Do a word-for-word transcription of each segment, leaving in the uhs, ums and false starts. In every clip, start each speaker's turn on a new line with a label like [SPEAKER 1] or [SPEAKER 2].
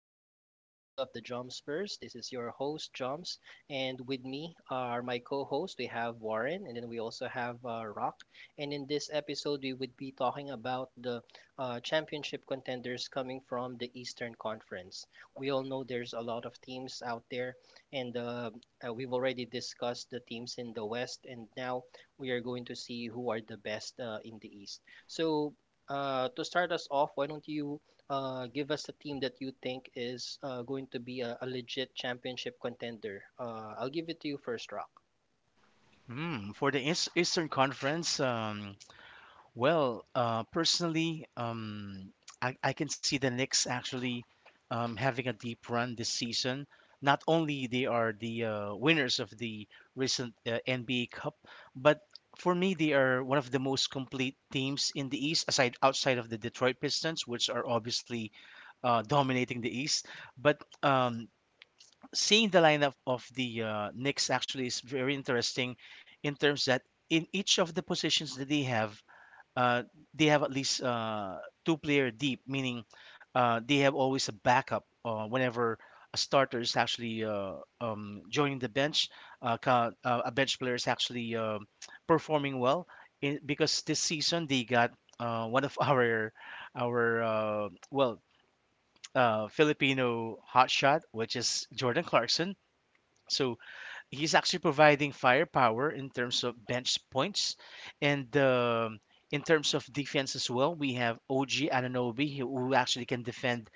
[SPEAKER 1] another episode of the Jumps First. This is your host, Jumps, and with me are my co hosts. We have Warren, and then we also have uh, Rock. And in this episode, we would be talking about the uh, championship contenders coming from the Eastern Conference. We all know there's a lot of teams out there, and uh, uh, we've already discussed the teams in the West, and now we are going to see who are the best uh, in the East. So, uh, to start us off, why don't you uh, give us a team that you think is uh, going to be a, a legit championship contender. Uh, I'll give it to you first, Rock.
[SPEAKER 2] Mm, for the Eas- Eastern Conference, um, well, uh, personally, um, I, I can see the Knicks actually um, having a deep run this season. Not only they are the uh, winners of the recent uh, N B A Cup, but for me, they are one of the most complete teams in the East, aside outside of the Detroit Pistons, which are obviously uh, dominating the East. But um, seeing the lineup of the uh, Knicks actually is very interesting in terms that in each of the positions that they have, uh, they have at least uh, two player deep, meaning uh, they have always a backup uh, whenever a starter is actually uh, um, joining the bench. Uh, ca- uh, a bench player is actually uh, performing well in, because this season they got uh, one of our our uh, well uh, Filipino hotshot, which is Jordan Clarkson, so he's actually providing firepower in terms of bench points, and um, in terms of defense as well, we have O G Ananobi who who actually can defend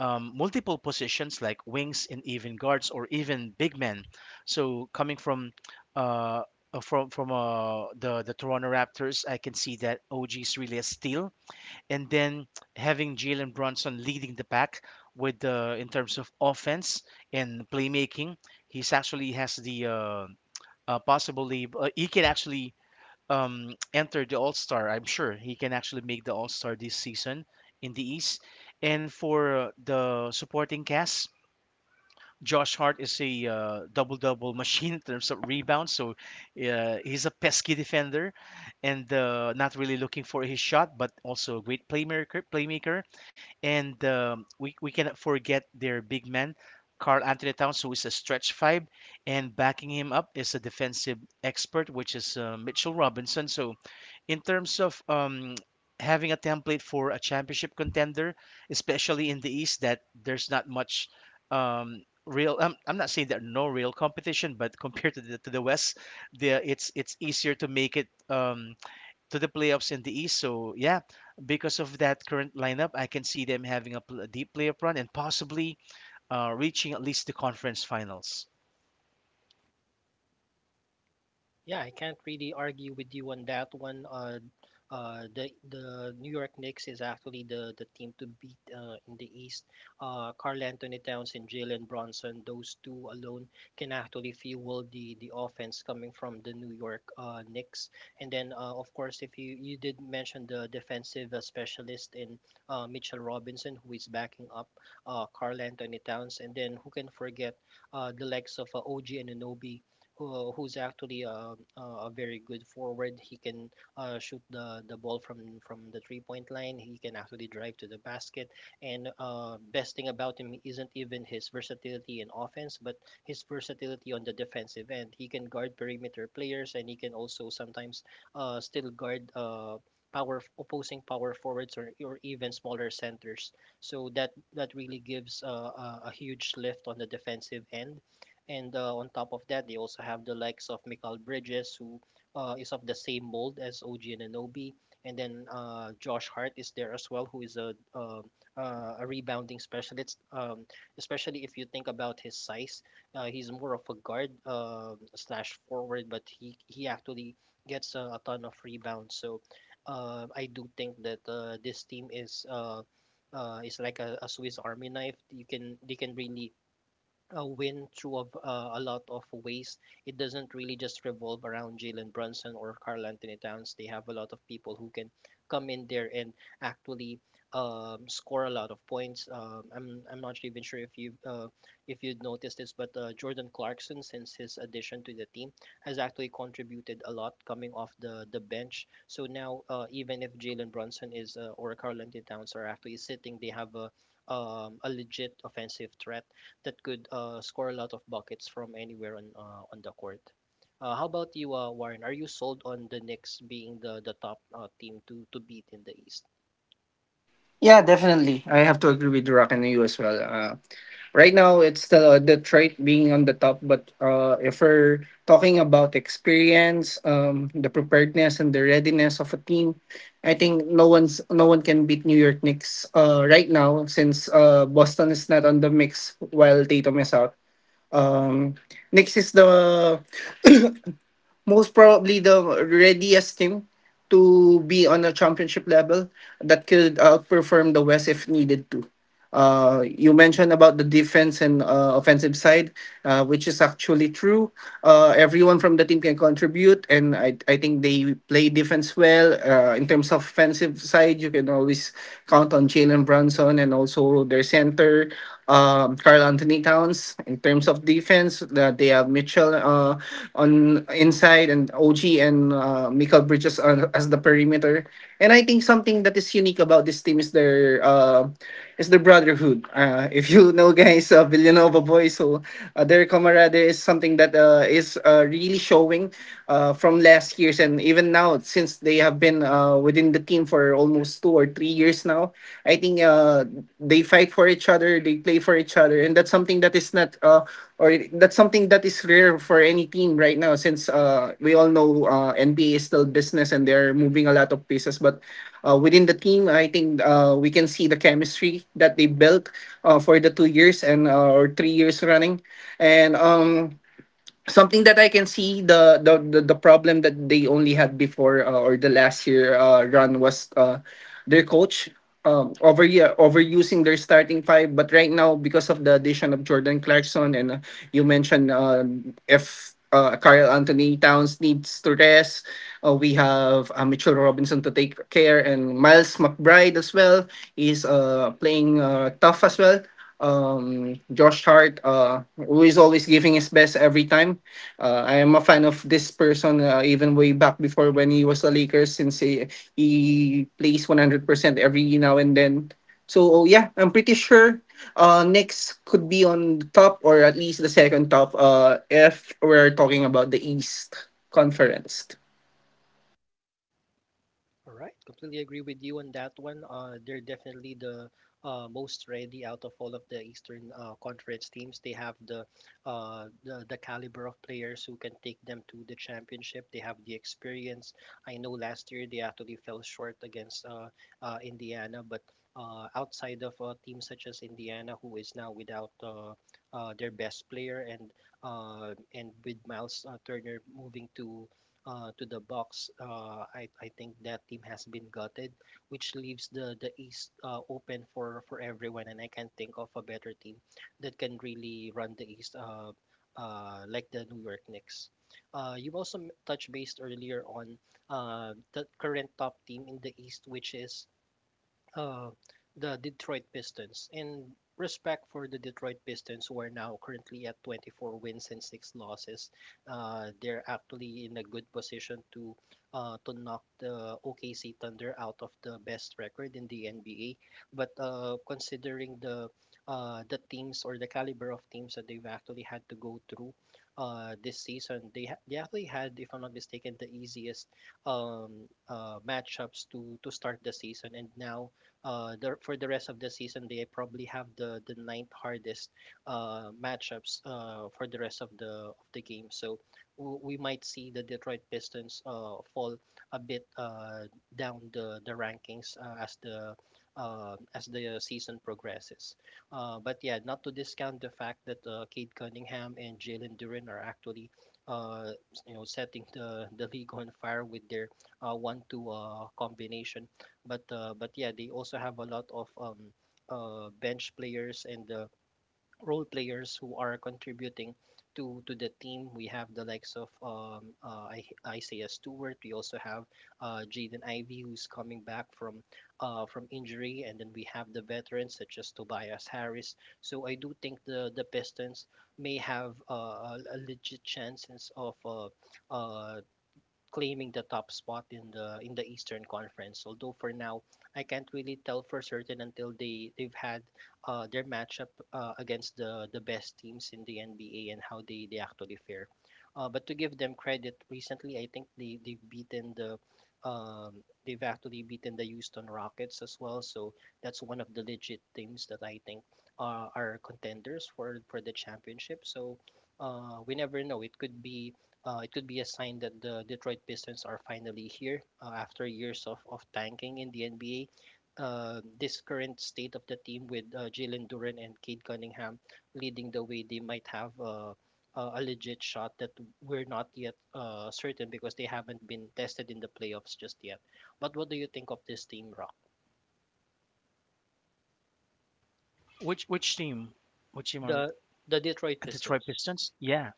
[SPEAKER 2] um, multiple positions like wings and even guards or even big men. So coming from uh, uh, from from uh, the the Toronto Raptors, I can see that O G is really a steal, and then having Jalen Brunson leading the pack with the in terms of offense and playmaking, he's actually has the uh, uh, possibly uh, he can actually um, enter the All Star. I'm sure he can actually make the All Star this season in the East. And for uh, the supporting cast, Josh Hart is a uh, double double machine in terms of rebounds, so uh, he's a pesky defender and uh, not really looking for his shot, but also a great playmaker. Playmaker. And um, we, we cannot forget their big man, Carl Anthony Towns, who is a stretch five. And backing him up is a defensive expert, which is uh, Mitchell Robinson. So, in terms of um, having a template for a championship contender, especially in the East, that there's not much um, real. I'm, I'm not saying there are no real competition, but compared to the, to the West, the, it's it's easier to make it Um, to the playoffs in the East. So yeah, because of that current lineup, I can see them having a, pl- a deep playoff run and possibly uh, reaching at least the conference finals.
[SPEAKER 1] Yeah, I can't really argue with you on that one. Uh, uh, the the New York Knicks is actually the the team to beat uh, in the East. Uh, Karl Anthony Towns and Jalen Bronson, those two alone can actually fuel the the offense coming from the New York uh, Knicks. And then, uh, of course, if you you did mention the defensive uh, specialist in uh, Mitchell Robinson, who is backing up uh, Karl Anthony Towns, and then who can forget uh, the likes of uh, O G Anunoby who, who's actually uh, a, a very good forward. He can uh, shoot the, the ball from, from the three point line. He can actually drive to the basket. And uh, best thing about him isn't even his versatility in offense, but his versatility on the defensive end. He can guard perimeter players, and he can also sometimes uh, still guard. Uh, power opposing power forwards or, or even smaller centers so that that really gives uh, a, a huge lift on the defensive end and uh, on top of that, they also have the likes of Mikal Bridges, who uh, is of the same mold as O G Ananobi. And then uh, Josh Hart is there as well, who is a, um uh, a rebounding specialist, um, especially if you think about his size. Uh, he's more of a guard um slash forward, but he, he actually gets a, a ton of rebounds. So uh, I do think that uh, this team is. Uh, uh, is like a, a Swiss Army knife. You can they can really a win through a, v- uh, a lot of ways. It doesn't really just revolve around Jalen Brunson or Carl Anthony Towns. They have a lot of people who can come in there and actually um, score a lot of points. Um, I'm I'm not even sure if you uh, if you'd noticed this, but uh, Jordan Clarkson, since his addition to the team, has actually contributed a lot coming off the the bench. So now uh, even if Jalen Brunson is uh, or Karl Anthony Towns are actually sitting, they have a um, a legit offensive threat that could uh, score a lot of buckets from anywhere on uh, on the court. Uh, how about you, uh, Warren? Are you sold on the Knicks being the the top uh, team to to beat in the East?
[SPEAKER 3] Yeah, definitely. I have to agree with Rock and you as well. Uh, right now, it's still uh, Detroit being on the top, but uh, if we're talking about experience, um, the preparedness and the readiness of a team, I think no one's no one can beat New York Knicks uh, right now since uh, Boston is not on the mix while Tatum is out. Um, Knicks is the Most probably the readiest team to be on a championship level that could outperform the West if needed to. Uh, you mentioned about the defense and uh, offensive side, uh, which is actually true. Uh, everyone from the team can contribute, and I, I think they play defense well. Uh, in terms of offensive side, you can always count on Jalen Brunson and also their center um, Carl Anthony Towns. In terms of defense, that they have Mitchell uh, on inside and O G and uh, Michael Bridges on, as the perimeter. And I think something that is unique about this team is their uh, is their brotherhood. Uh, if you know, guys, uh, Villanova boys, so uh, their camaraderie is something that uh, is uh, really showing uh, from last year's and even now since they have been. Uh, uh, within the team for almost two or three years now. I think uh, they fight for each other, they play for each other, and that's something that is not uh, or that's something that is rare for any team right now since uh, we all know uh, N B A is still business and they're moving a lot of pieces. But uh, within the team, I think uh, we can see the chemistry that they built uh, for the two years and uh, or three years running, and um, something that I can see the the the, the problem that they only had before uh, or the last year uh, run was uh, their coach um, over yeah, overusing their starting five. But right now, because of the addition of Jordan Clarkson and uh, you mentioned uh, if. Uh, Carl Anthony Towns needs to rest. Uh, we have uh, Mitchell Robinson to take care, and Miles McBride as well is uh, playing uh, tough as well. um Josh Hart, uh who is always giving his best every time. Uh, I am a fan of this person, uh, even way back before when he was a Lakers since he, he plays one hundred percent every now and then. So oh, yeah, I'm pretty sure uh next could be on the top or at least the second top uh if we're talking about the East Conference.
[SPEAKER 1] All right, completely agree with you on that one. Uh, they're definitely the uh, most ready out of all of the Eastern uh, Conference teams. They have the, uh, the the caliber of players who can take them to the championship. They have the experience. I know last year they actually fell short against uh, uh, Indiana, but uh, outside of uh, teams such as Indiana, who is now without uh, uh, their best player, and uh, and with Miles uh, Turner moving to uh, to the Bucks. Uh, I I think that team has been gutted, which leaves the the East uh, open for for everyone. And I can't think of a better team that can really run the East uh, uh, like the New York Knicks. Uh, you also m- touched based earlier on uh, the current top team in the East, which is uh, the Detroit Pistons. In respect for the Detroit Pistons, who are now currently at twenty-four wins and six losses, uh, they're actually in a good position to uh, to knock the O K C Thunder out of the best record in the N B A. But uh, considering the uh, the teams or the caliber of teams that they've actually had to go through uh, this season, they ha- they actually had, if I'm not mistaken, the easiest um, uh, matchups to to start the season, and now uh, the, for the rest of the season, they probably have the the ninth hardest uh, matchups uh, for the rest of the of the game. So w- we might see the Detroit Pistons uh, fall a bit uh, down the the rankings uh, as the uh, as the season progresses. Uh, but yeah, not to discount the fact that uh, Cade Cunningham and Jalen Duren are actually uh, s- you know setting the, the league on fire with their uh, one two uh, combination but uh, but yeah, they also have a lot of um, uh, bench players and uh, role players who are contributing to to the team. We have the likes of um, uh, I- Isaiah Stewart. We also have uh, Jaden Ivey, who's coming back from uh, from injury, and then we have the veterans such as Tobias Harris. So I do think the the Pistons may have uh, a a legit chances of uh, uh, claiming the top spot in the in the Eastern Conference. Although for now, I can't really tell for certain until they they've had uh, their matchup uh, against the the best teams in the N B A and how they they actually fare. Uh, but to give them credit, recently I think they they've beaten the um, they've actually beaten the Houston Rockets as well. So that's one of the legit teams that I think uh, are contenders for for the championship. So uh, we never know. It could be uh, it could be a sign that the Detroit Pistons are finally here uh, after years of, of tanking in the N B A. Uh, this current state of the team with uh, Jalen Duren and Cade Cunningham leading the way, they might have uh, a a legit shot that we're not yet uh, certain because they haven't been tested in the playoffs just yet. But what do you think of this team, Rock?
[SPEAKER 2] Which which team? Which team are
[SPEAKER 1] The the Detroit
[SPEAKER 2] Detroit
[SPEAKER 1] Pistons.
[SPEAKER 2] Pistons? Yeah.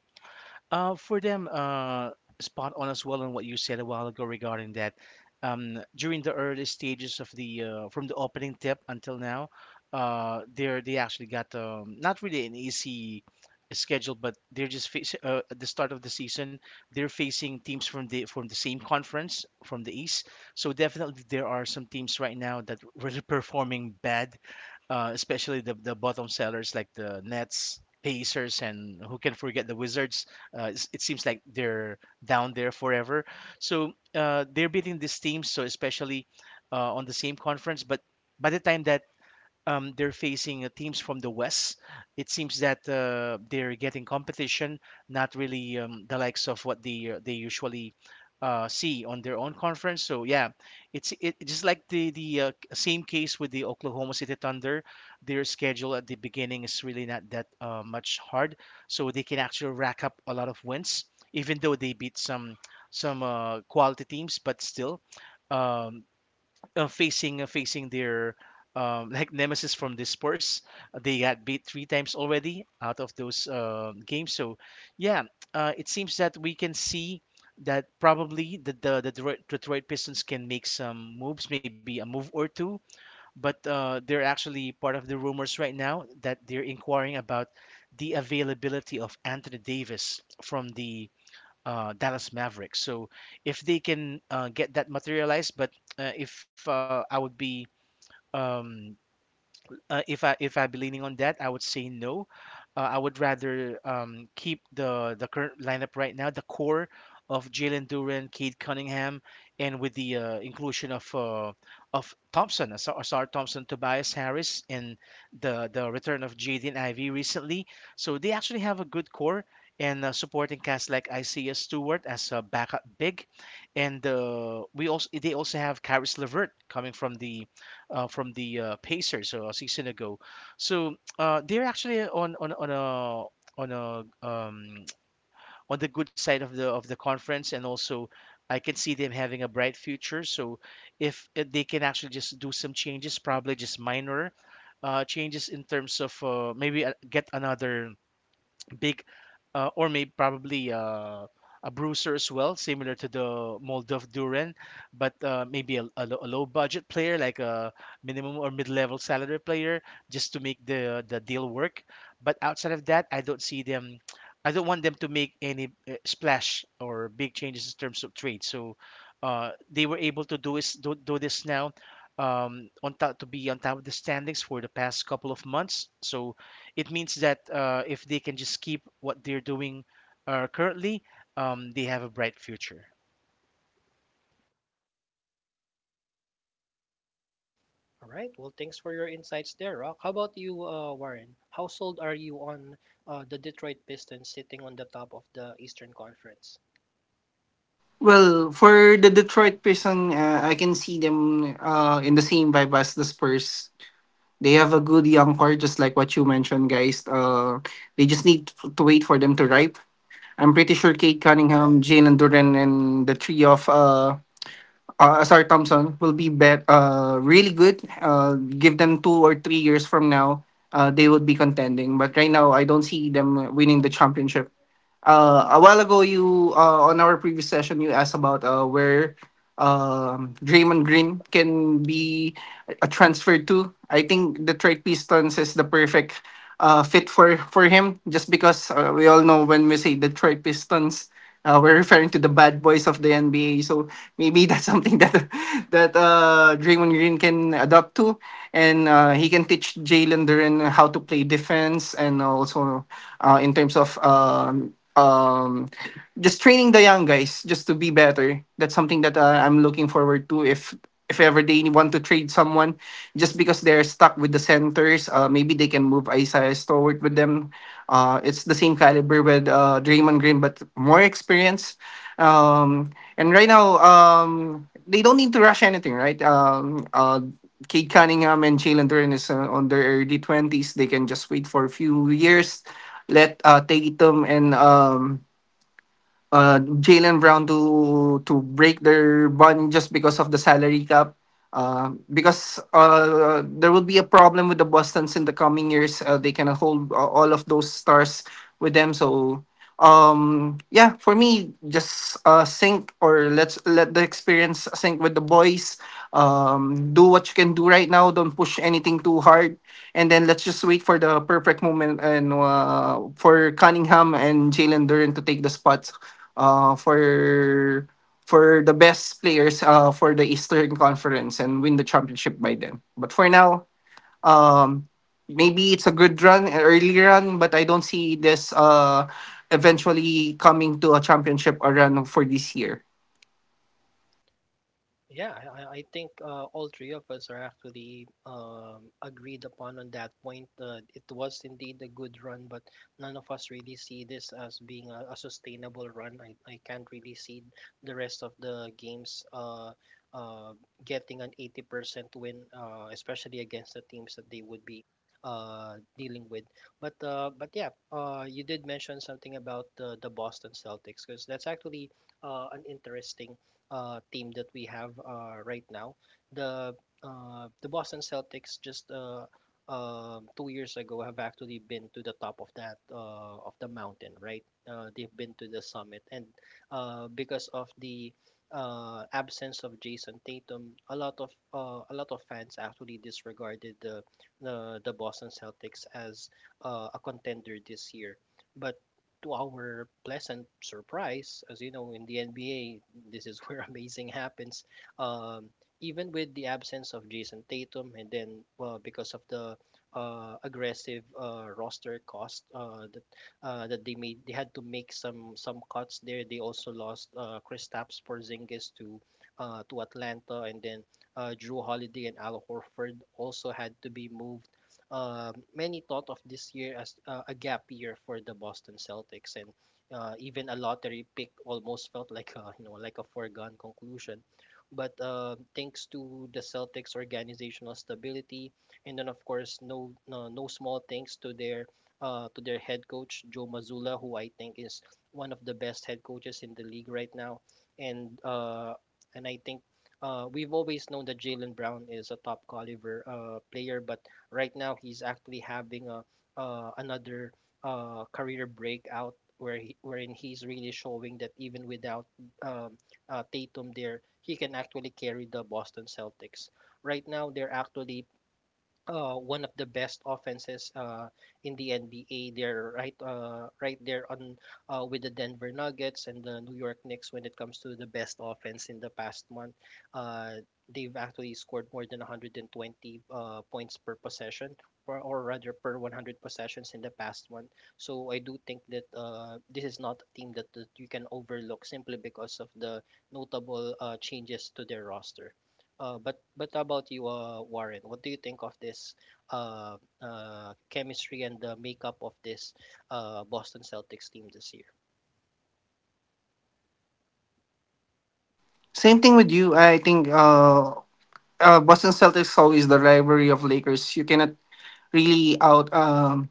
[SPEAKER 2] Uh, for them, uh, spot on as well on what you said a while ago regarding that. Um, during the early stages of the uh, from the opening tip until now, uh, they're they actually got um, not really an easy schedule, but they're just facing uh, at the start of the season. They're facing teams from the from the same conference from the East. So definitely there are some teams right now that really performing bad, uh, especially the the bottom sellers like the Nets, Pacers, and who can forget the Wizards. Uh, it's- it seems like they're down there forever. So uh, they're beating these teams, so especially uh, on the same conference. But by the time that um, they're facing uh, teams from the West, it seems that uh, they're getting competition, not really um, the likes of what they uh, they usually uh, see on their own conference. So yeah, it's it, it's just like the the uh, same case with the Oklahoma City Thunder. Their schedule at the beginning is really not that uh, much hard, so they can actually rack up a lot of wins, even though they beat some some uh, quality teams, but still. Um, uh, facing uh, Facing their um, like nemesis from the Spurs. They got beat three times already out of those uh, games. So yeah, uh, it seems that we can see that probably the the, the Detroit, Detroit Pistons can make some moves, maybe a move or two. But uh, they're actually part of the rumors right now that they're inquiring about the availability of Anthony Davis from the uh, Dallas Mavericks. So if they can uh, get that materialized, but uh, if uh, I would be um, uh, if I if I'd be leaning on that, I would say no. Uh, I would rather um, keep the the current lineup right now, the core of Jalen Duran, Cade Cunningham, and with the uh, inclusion of uh, of Thompson, Asar Asar Thompson, Tobias Harris, and the the return of Jaden Ivey recently. So they actually have a good core and uh, supporting cast like Isaiah Stewart as a backup big, and uh, we also they also have Karis LeVert coming from the uh, from the uh, Pacers, so a season ago. So uh, they're actually on on on a on a um, on the good side of the of the conference, and also I can see them having a bright future. So if uh, they can actually just do some changes, probably just minor uh, changes in terms of uh, maybe uh, get another big, uh, or maybe probably uh, a bruiser as well, similar to the mold of Duran, but uh, maybe a, a, lo- a low budget player like a minimum or mid level salary player just to make the the deal work. But outside of that, I don't see them. I don't want them to make any uh, splash or big changes in terms of trade. So uh, they were able to do is do, do this now um, on top to be on top of the standings for the past couple of months. So it means that uh, if they can just keep what they're doing uh, currently, um, they have a bright future.
[SPEAKER 1] All right. Well, thanks for your insights there, Rock. How about you, uh, Warren? How sold are you on uh, the Detroit Pistons sitting on the top of the Eastern Conference?
[SPEAKER 3] Well, for the Detroit Prison, uh, I can see them uh, in the same vibe as the Spurs. They have a good young core, just like what you mentioned, guys. Uh, they just need to to wait for them to ripe. I'm pretty sure Kate Cunningham, Jane Duran, and the three of uh, uh, Asar Thompson will be bet uh, really good. Uh, give them two or three years from now, uh, they would be contending. But right now, I don't see them winning the championship. uh, a while ago you uh, on our previous session you asked about uh, where um, Draymond Green can be a transfer to. I think Detroit Pistons is the perfect uh, fit for for him just because uh, we all know when we say Detroit Pistons. Uh, we're referring to the bad boys of the N B A. So maybe that's something that that uh, Draymond Green can adapt to, and uh, he can teach Jalen Duran how to play defense, and also uh, in terms of um, um, just training the young guys just to be better. That's something that uh, I'm looking forward to. If if ever they want to trade someone, just because they're stuck with the centers, uh, maybe they can move Isaiah Stewart with them. Uh, it's the same caliber with uh, Draymond Green, but more experience. Um, and right now, um, they don't need to rush anything, right? Um, uh, Cade Cunningham and Jalen Duren is uh, on their early twenties. They can just wait for a few years, let uh, Tatum and um, uh, Jalen Brown to to break their bond just because of the salary cap. Uh, because uh, there will be a problem with the Boston's in the coming years. Uh, they cannot hold uh, all of those stars with them. So um, yeah, for me, just uh, sync or let's let the experience sync with the boys. Um, do what you can do right now. Don't push anything too hard, and then let's just wait for the perfect moment and uh, for Cunningham and Jalen Duran to take the spots uh, for for the best players uh, for the Eastern Conference and win the championship by then. But for now, um, maybe it's a good run, an early run, but I don't see this uh, eventually coming to a championship or run for this year.
[SPEAKER 1] Yeah, I, I I think uh, all three of us are actually um, agreed upon on that point. Uh, it was indeed a good run, but none of us really see this as being a, a sustainable run. I, I can't really see the rest of the games uh, uh, getting an eighty percent win, uh, especially against the teams that they would be uh, dealing with. But uh, but yeah, uh, you did mention something about the, the Boston Celtics because that's actually uh, an interesting uh, team that we have uh, right now. The uh, the Boston Celtics just uh, um two years ago have actually been to the top of that uh, of the mountain, right? Uh, they've been to the summit, and uh, because of the uh, absence of Jason Tatum, a lot of uh, a lot of fans actually disregarded the the, the Boston Celtics as uh, a contender this year, but to our pleasant surprise, as you know, in the N B A, this is where amazing happens. Um, even with the absence of Jason Tatum, and then well, because of the uh, aggressive uh, roster cost uh, that uh, that they made, they had to make some some cuts there. They also lost uh, Kristaps Porzingis to uh, to Atlanta, and then uh, Drew Holiday and Al Horford also had to be moved uh, many thought of this year as uh, a gap year for the Boston Celtics, and uh, even a lottery pick almost felt like a, you know like a foregone conclusion. But uh, thanks to the Celtics' organizational stability, and then of course no no, no small thanks to their uh, to their head coach Joe Mazzulla, who I think is one of the best head coaches in the league right now, and uh, and I think uh, we've always known that Jalen Brown is a top caliber uh, player, but right now, he's actually having a uh, another uh, career breakout where he, wherein he's really showing that even without um, uh, Tatum there, he can actually carry the Boston Celtics. Right now, they're actually uh, one of the best offenses uh, in the N B A. They're right uh, right there on uh, with the Denver Nuggets and the New York Knicks when it comes to the best offense in the past month. Uh, they've actually scored more than one hundred twenty uh, points per possession. Or, or rather per one hundred possessions in the past month. So I do think that uh, this is not a team that, that you can overlook simply because of the notable uh, changes to their roster. Uh, but but how about you, uh, Warren? What do you think of this uh, uh, chemistry and the makeup of this uh, Boston Celtics team this year?
[SPEAKER 3] Same thing with you. I think uh, uh, Boston Celtics always the rivalry of Lakers. You cannot really out um,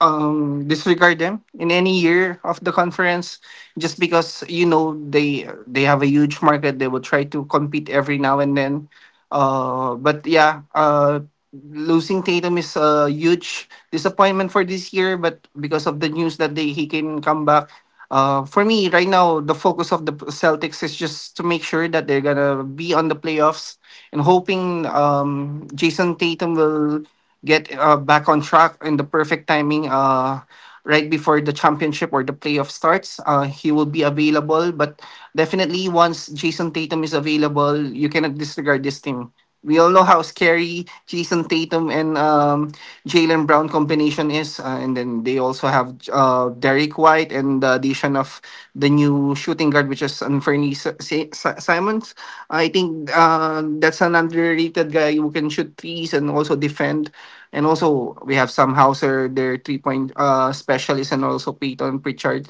[SPEAKER 3] um, disregard them in any year of the conference just because you know they they have a huge market. They will try to compete every now and then, uh, but yeah, uh, losing Tatum is a huge disappointment for this year, but because of the news that they he can come back. Uh, for me, right now the focus of the Celtics is just to make sure that they're gonna be on the playoffs and hoping um, Jason Tatum will get uh, back on track in the perfect timing, uh, right before the championship or the playoff starts. Uh, he will be available, but definitely once Jason Tatum is available, you cannot disregard this team. We all know how scary Jason Tatum and um, Jalen Brown combination is, uh, and then they also have uh, Derek White and the addition of the new shooting guard, which is Anferni Si- Si- Si- Simons. I think uh, that's an underrated guy who can shoot threes and also defend. And also we have Sam Hauser, their three point uh specialist, and also Peyton Pritchard.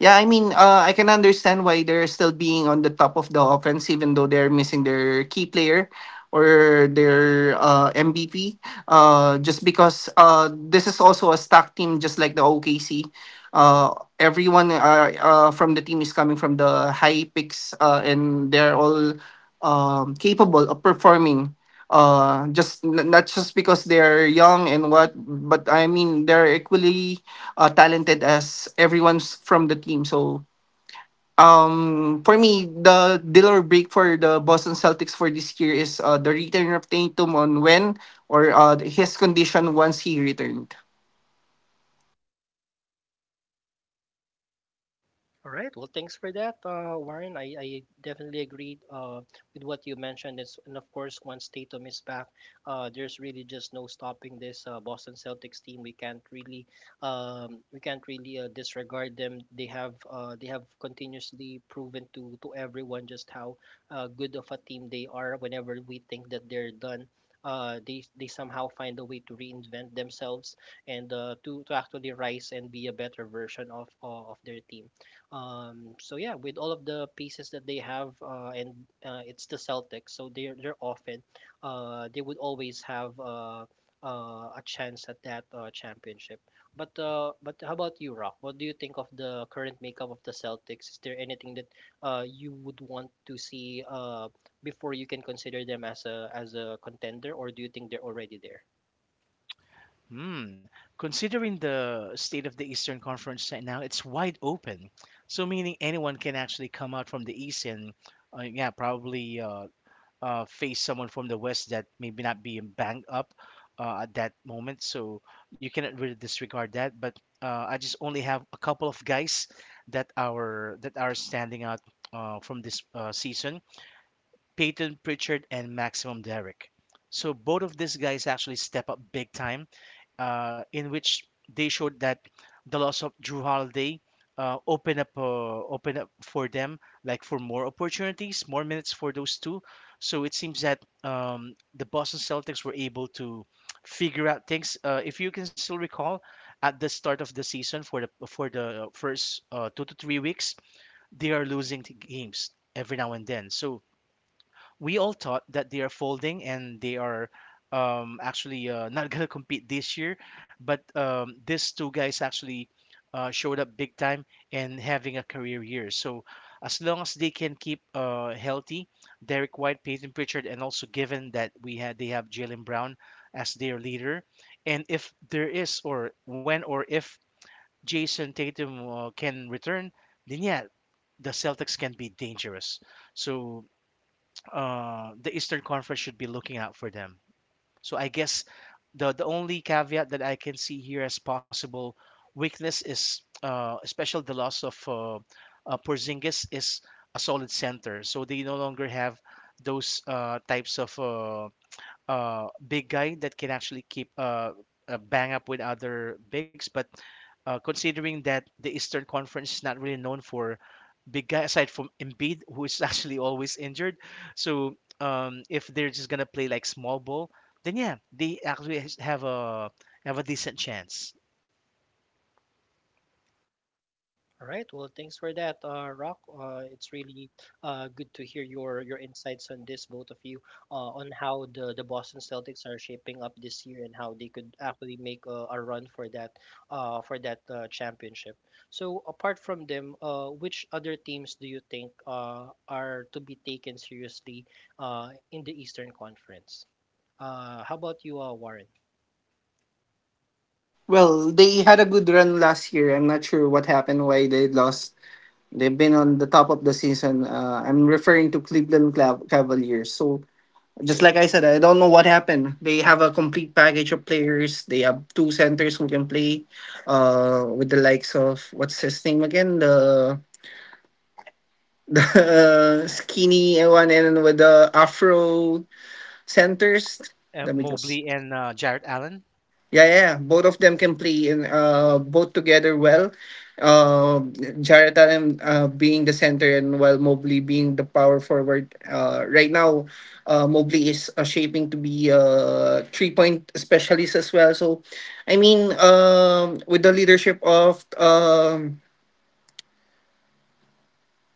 [SPEAKER 3] Yeah, I mean, uh, I can understand why they're still being on the top of the offense, even though they're missing their key player or their uh, M V P. Uh, just because uh, this is also a stacked team, just like the O K C. Uh, everyone uh, uh, from the team is coming from the high picks, uh, and they're all um, capable of performing, uh just n- not just because they're young and what, but I mean they're equally uh, talented as everyone's from the team. So um for me the deal or break for the Boston Celtics for this year is uh, the return of Tatum on when or uh, his condition once he returned.
[SPEAKER 1] All right. Well, thanks for that, uh, Warren. I, I definitely agreed uh, with what you mentioned. It's, and of course, once Tatum is back, uh, there's really just no stopping this uh, Boston Celtics team. We can't really, um, we can't really uh, disregard them. They have, uh, they have continuously proven to to everyone just how uh, good of a team they are. Whenever we think that they're done, Uh, they, they somehow find a way to reinvent themselves and uh, to, to actually rise and be a better version of uh, of their team. Um, so yeah, with all of the pieces that they have, uh, and uh, it's the Celtics, so they're they're often uh, they would always have uh, uh, a chance at that uh, championship. But uh, but how about you, Rock? What do you think of the current makeup of the Celtics? Is there anything that uh, you would want to see uh, before you can consider them as a as a contender, or do you think they're already there?
[SPEAKER 2] Hmm. Considering the state of the Eastern Conference right now, it's wide open. So meaning anyone can actually come out from the East, and uh, yeah, probably uh, uh, face someone from the West that maybe not being banged up uh, at that moment. So you cannot really disregard that. But uh, I just only have a couple of guys that are that are standing out uh, from this uh, season. Peyton Pritchard and Maximum Derrick, so both of these guys actually step up big time, uh, in which they showed that the loss of Drew Holiday uh, open up uh, open up for them like for more opportunities, more minutes for those two. So it seems that um, the Boston Celtics were able to figure out things. Uh, if you can still recall, at the start of the season for the for the first uh, two to three weeks, they are losing t- games every now and then. So we all thought that they are folding and they are um, actually uh, not gonna compete this year. But um, these two guys actually uh, showed up big time and having a career year. So as long as they can keep uh, healthy, Derek White, Peyton Pritchard, and also given that we had they have Jalen Brown as their leader, and if there is or when or if Jason Tatum uh, can return, then yeah, the Celtics can be dangerous. So uh, the Eastern Conference should be looking out for them. So I guess the the only caveat that I can see here as possible weakness is uh, especially the loss of uh, uh, Porzingis. Is a solid center, so they no longer have those uh, types of uh, uh, big guy that can actually keep, Uh, uh, bang up with other bigs, but uh, considering that the eastern conference is not really known for big guy aside from Embiid, who is actually always injured. So um, if they're just gonna play like small ball, then yeah, they actually has- have a have a decent chance.
[SPEAKER 1] All right. Well, thanks for that, uh, Rock. Uh, it's really uh, good to hear your your insights on this, both of you, uh, on how the, the Boston Celtics are shaping up this year and how they could actually make a, a run for that uh, for that uh, championship. So, apart from them, uh, which other teams do you think uh, are to be taken seriously uh, in the Eastern Conference? Uh, how about you, uh, Warren?
[SPEAKER 3] Well, they had a good run last year. I'm not sure what happened, why they lost. They've been on the top of the season. uh, I'm referring to Cleveland Clav- cavaliers, so. Just like I said, I don't know what happened. They have a complete package of players. They have two centers who can play, uh, with the likes of what's his name again, the the skinny one and with the Afro centers.
[SPEAKER 2] Uh,
[SPEAKER 3] Let me just.
[SPEAKER 2] Mobley and uh, Jared Allen.
[SPEAKER 3] Yeah, yeah. yeah. Both of them
[SPEAKER 2] Mhm.
[SPEAKER 3] can play in uh both together well. Uh, Jarrett Allen uh, being the center and while Mobley being the power forward. Uh, right now, uh, Mobley is uh, shaping to be a three point specialist as well. So, I mean, um, with the leadership of um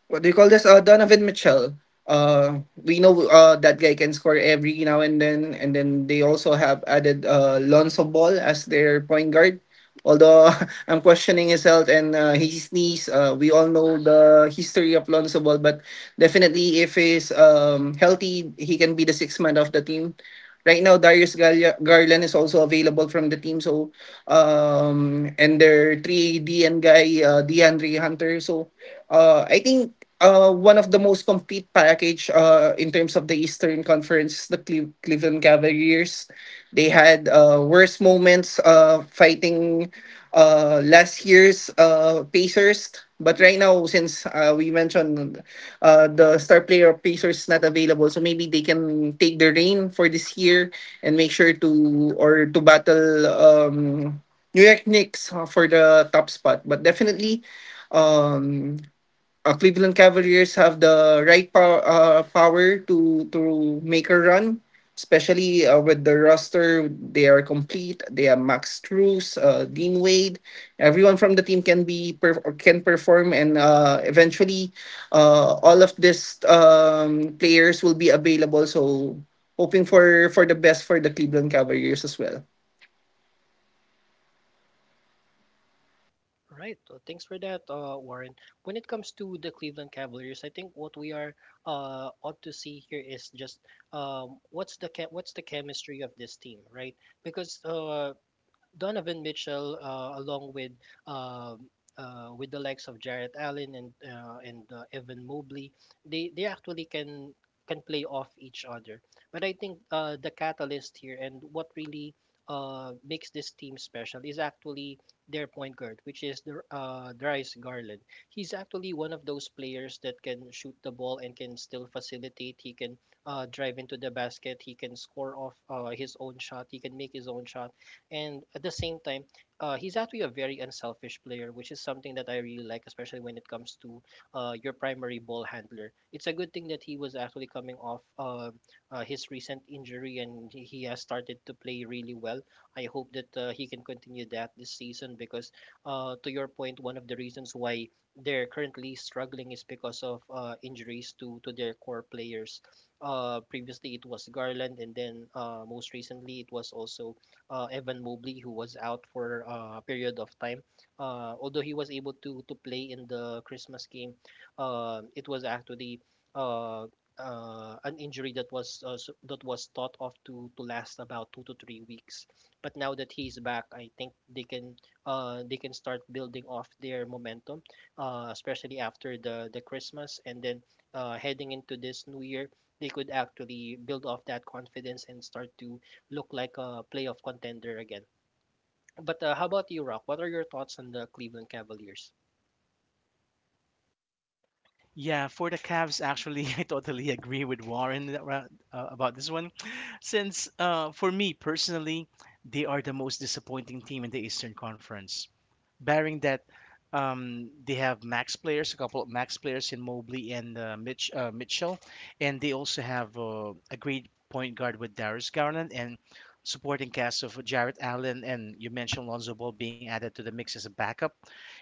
[SPEAKER 3] what do you call this? Uh, Donovan Mitchell. Uh, we know uh, that guy can score every now and then, and then they also have added uh, Lonzo Ball as their point guard. Although I'm questioning his health and uh, his knees, uh, we all know the history of Lonzo Ball, but definitely if he's um, healthy, he can be the sixth man of the team. Right now, Darius Garla- Garland is also available from the team, so um, and their three D N guy, uh, DeAndre Hunter, so. Uh, I think uh, one of the most complete package uh, in terms of the Eastern Conference, the Cle- Cleveland Cavaliers, they had uh, worst moments uh, fighting uh, last year's uh, Pacers. But right now, since uh, we mentioned uh, the star player of Pacers not available, so maybe they can take the reign for this year and make sure to or to battle um, New York Knicks uh, for the top spot. But definitely, um uh, Cleveland Cavaliers have the right pow- uh, power to to make a run, especially uh, with the roster. They are complete. They have Max Strus, uh, Dean Wade. Everyone from the team can be per- or can perform, and uh, eventually, uh, all of these um, players will be available. So hoping for for the best for the Cleveland Cavaliers as well.
[SPEAKER 1] All right. Uh, thanks for that, uh, Warren. When it comes to the Cleveland Cavaliers, I think what we are uh, ought to see here is just um, what's the che- what's the chemistry of this team, right? Because uh, Donovan Mitchell, uh, along with um uh, with the likes of Jarrett Allen and uh, and uh, Evan Mobley, they they actually can can play off each other. But I think uh, the catalyst here and what really uh, makes this team special is actually their point guard, which is the uh, Darius Garland. He's actually one of those players that can shoot the ball and can still facilitate. He can uh, drive into the basket. He can score off uh, his own shot. He can make his own shot, and at the same time, uh, he's actually a very unselfish player, which is something that I really like, especially when it comes to uh, your primary ball handler. It's a good thing that he was actually coming off uh, uh, his recent injury, and he he has started to play really well. I hope that uh, he can continue that this season because, uh, to your point, one of the reasons why they're currently struggling is because of uh, injuries to, to their core players. Uh, previously, it was Garland, and then uh, most recently, it was also uh, Evan Mobley, who was out for uh, a period of time. Uh, although he was able to to play in the Christmas game, uh, it was actually uh, uh, an injury that was uh, s- that was thought of to to last about two to three weeks. But now that he's back, I think they can uh, they can start building off their momentum, uh, especially after the the Christmas, and then uh, heading into this new year. They could actually build off that confidence and start to look like a playoff contender again. But uh, how about you, Rock? What are your thoughts on the Cleveland Cavaliers?
[SPEAKER 2] Yeah, for the Cavs, actually, I totally agree with Warren ar- uh, about this one, since uh, for me personally, they are the most disappointing team in the Eastern Conference, bearing that um, they have max players, a couple of max players in Mobley and uh, Mitch uh, Mitchell, and they also have uh, a great point guard with Darius Garland and supporting cast of Jarrett Allen, and you mentioned Lonzo Ball being added to the mix as a backup.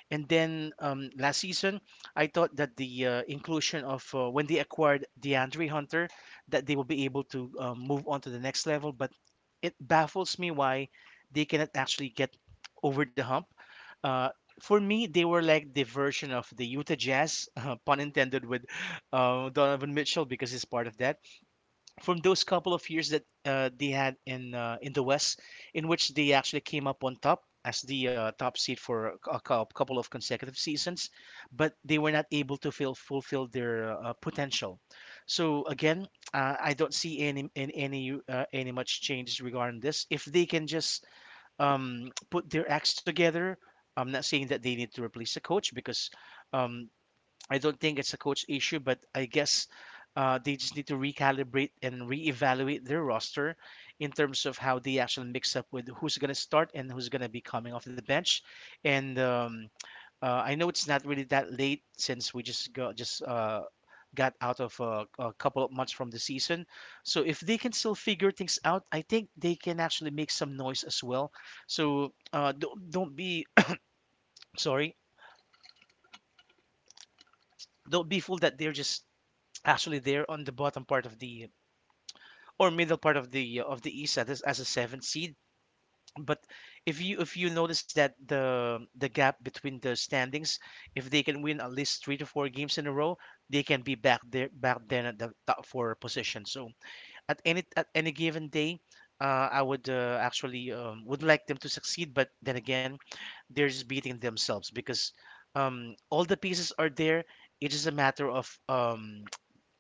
[SPEAKER 2] And then um, last season, I thought that the uh, inclusion of uh, when they acquired DeAndre Hunter, that they will be able to uh, move on to the next level. But it baffles me why they cannot actually get over the hump. uh, for me, they were like the version of the Utah Jazz, uh, pun intended, with uh, Donovan Mitchell, because he's part of that. From those couple of years that uh, they had in uh, in the West, in which they actually came up on top as the uh, top seed for a cou- cou- couple of consecutive seasons, but they were not able to fill, fulfill their uh, potential. So again, uh, I don't see any in- any uh, any much changes regarding this. If they can just um, put their acts together. I'm not saying that they need to replace a coach because um, I don't think it's a coach issue, but I guess uh, they just need to recalibrate and reevaluate their roster in terms of how they actually mix up with who's going to start and who's going to be coming off the bench. And um, uh, I know it's not really that late since we just got just uh, got out of a, a couple of months from the season. So if they can still figure things out, I think they can actually make some noise as well. So uh, don't don't be sorry, don't be fooled that they're just actually there on the bottom part of the or middle part of the uh, of the East as, as a seventh seed. But if you if you notice that the the gap between the standings, if they can win at least three to four games in a row, they can be back there back then at the top four position. So at any at any given day, uh, I would uh, actually um, would like them to succeed, but then again, they're just beating themselves because um, all the pieces are there. It's just a matter of um,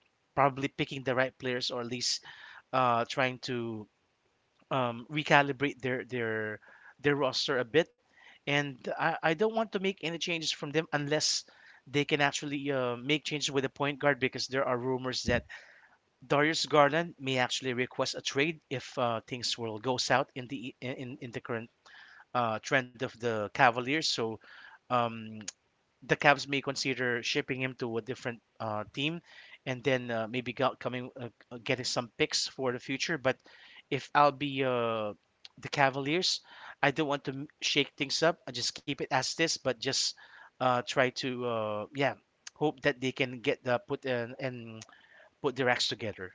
[SPEAKER 2] probably picking the right players or at least uh, trying to um, recalibrate their their their roster a bit, and I, I don't want to make any changes from them unless they can actually uh, make changes with the point guard, because there are rumors that Darius Garland may actually request a trade if uh, things will goes out in the in in the current uh, trend of the Cavaliers. So. Um, the Cavs may consider shipping him to a different uh, team, and then uh, maybe got coming uh, uh, getting some picks for the future. But if I'll be uh, the Cavaliers, I don't want to m- shake things up. I just keep it as this, but just uh, try to uh, yeah, hope that they can get the put and, and put their acts together.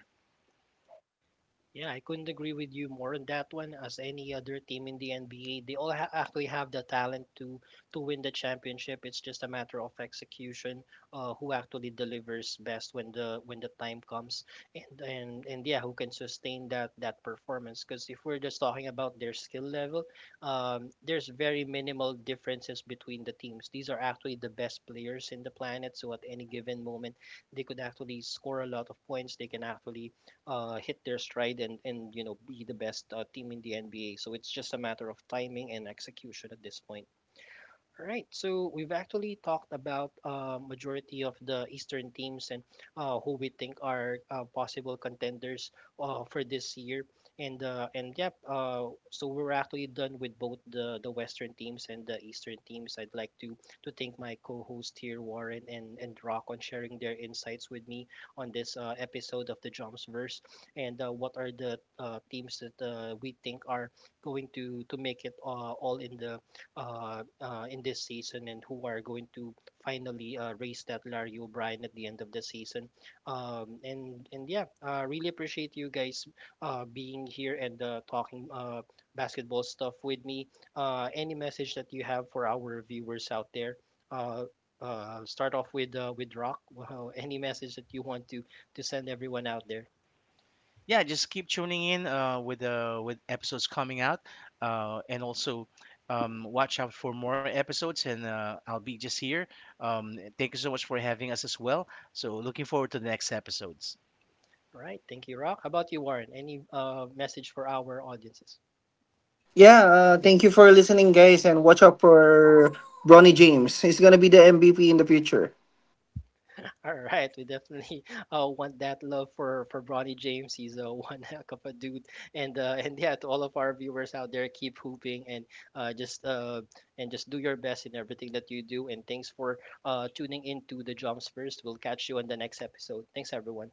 [SPEAKER 1] Yeah, I couldn't agree with you more on that one. As any other team in the N B A, they all ha- actually have the talent to to win the championship. It's just a matter of execution, uh, who actually delivers best when the when the time comes, and and and yeah, who can sustain that that performance? Because if we're just talking about their skill level, um, there's very minimal differences between the teams. These are actually the best players in the planet. So at any given moment, they could actually score a lot of points. They can actually uh, hit their stride, and and you know be the best uh, team in the N B A. So it's just a matter of timing and execution at this point. All right, so we've actually talked about uh, majority of the Eastern teams and uh, who we think are uh, possible contenders uh, for this year, and uh, and yep, uh, so we're actually done with both the the Western teams and the Eastern teams. I'd like to to thank my co-host here, Warren and and Rock, on sharing their insights with me on this uh, episode of the Jumpsverse, and uh, what are the uh, teams that uh, we think are going to to make it uh, all in the uh, uh, in this season and who are going to finally uh, race that Larry O'Brien at the end of the season. Um, and and yeah, uh, really appreciate you guys uh, being here and uh, talking uh, basketball stuff with me. Uh, any message that you have for our viewers out there? Uh, uh, Start off with uh, with Rock. Wow, any message that you want to to send everyone out there?
[SPEAKER 2] Yeah, just keep tuning in uh, with uh, with episodes coming out, uh, and also um, watch out for more episodes, and uh, I'll be just here. Um, thank you so much for having us as well, so looking forward to the next episodes.
[SPEAKER 1] All right, thank you, Rock. How about you, Warren? Any uh, message for our audiences?
[SPEAKER 3] Yeah, uh, thank you for listening, guys, and watch out for Bronny James. He's gonna be the M V P in the future.
[SPEAKER 1] All right, we definitely uh, want that love for for Bronny James. He's a one heck of a dude, and uh, and yeah, to all of our viewers out there, keep hooping and uh, just uh, and just do your best in everything that you do. And thanks for uh, tuning in to the Jumps First. We'll catch you on the next episode. Thanks, everyone.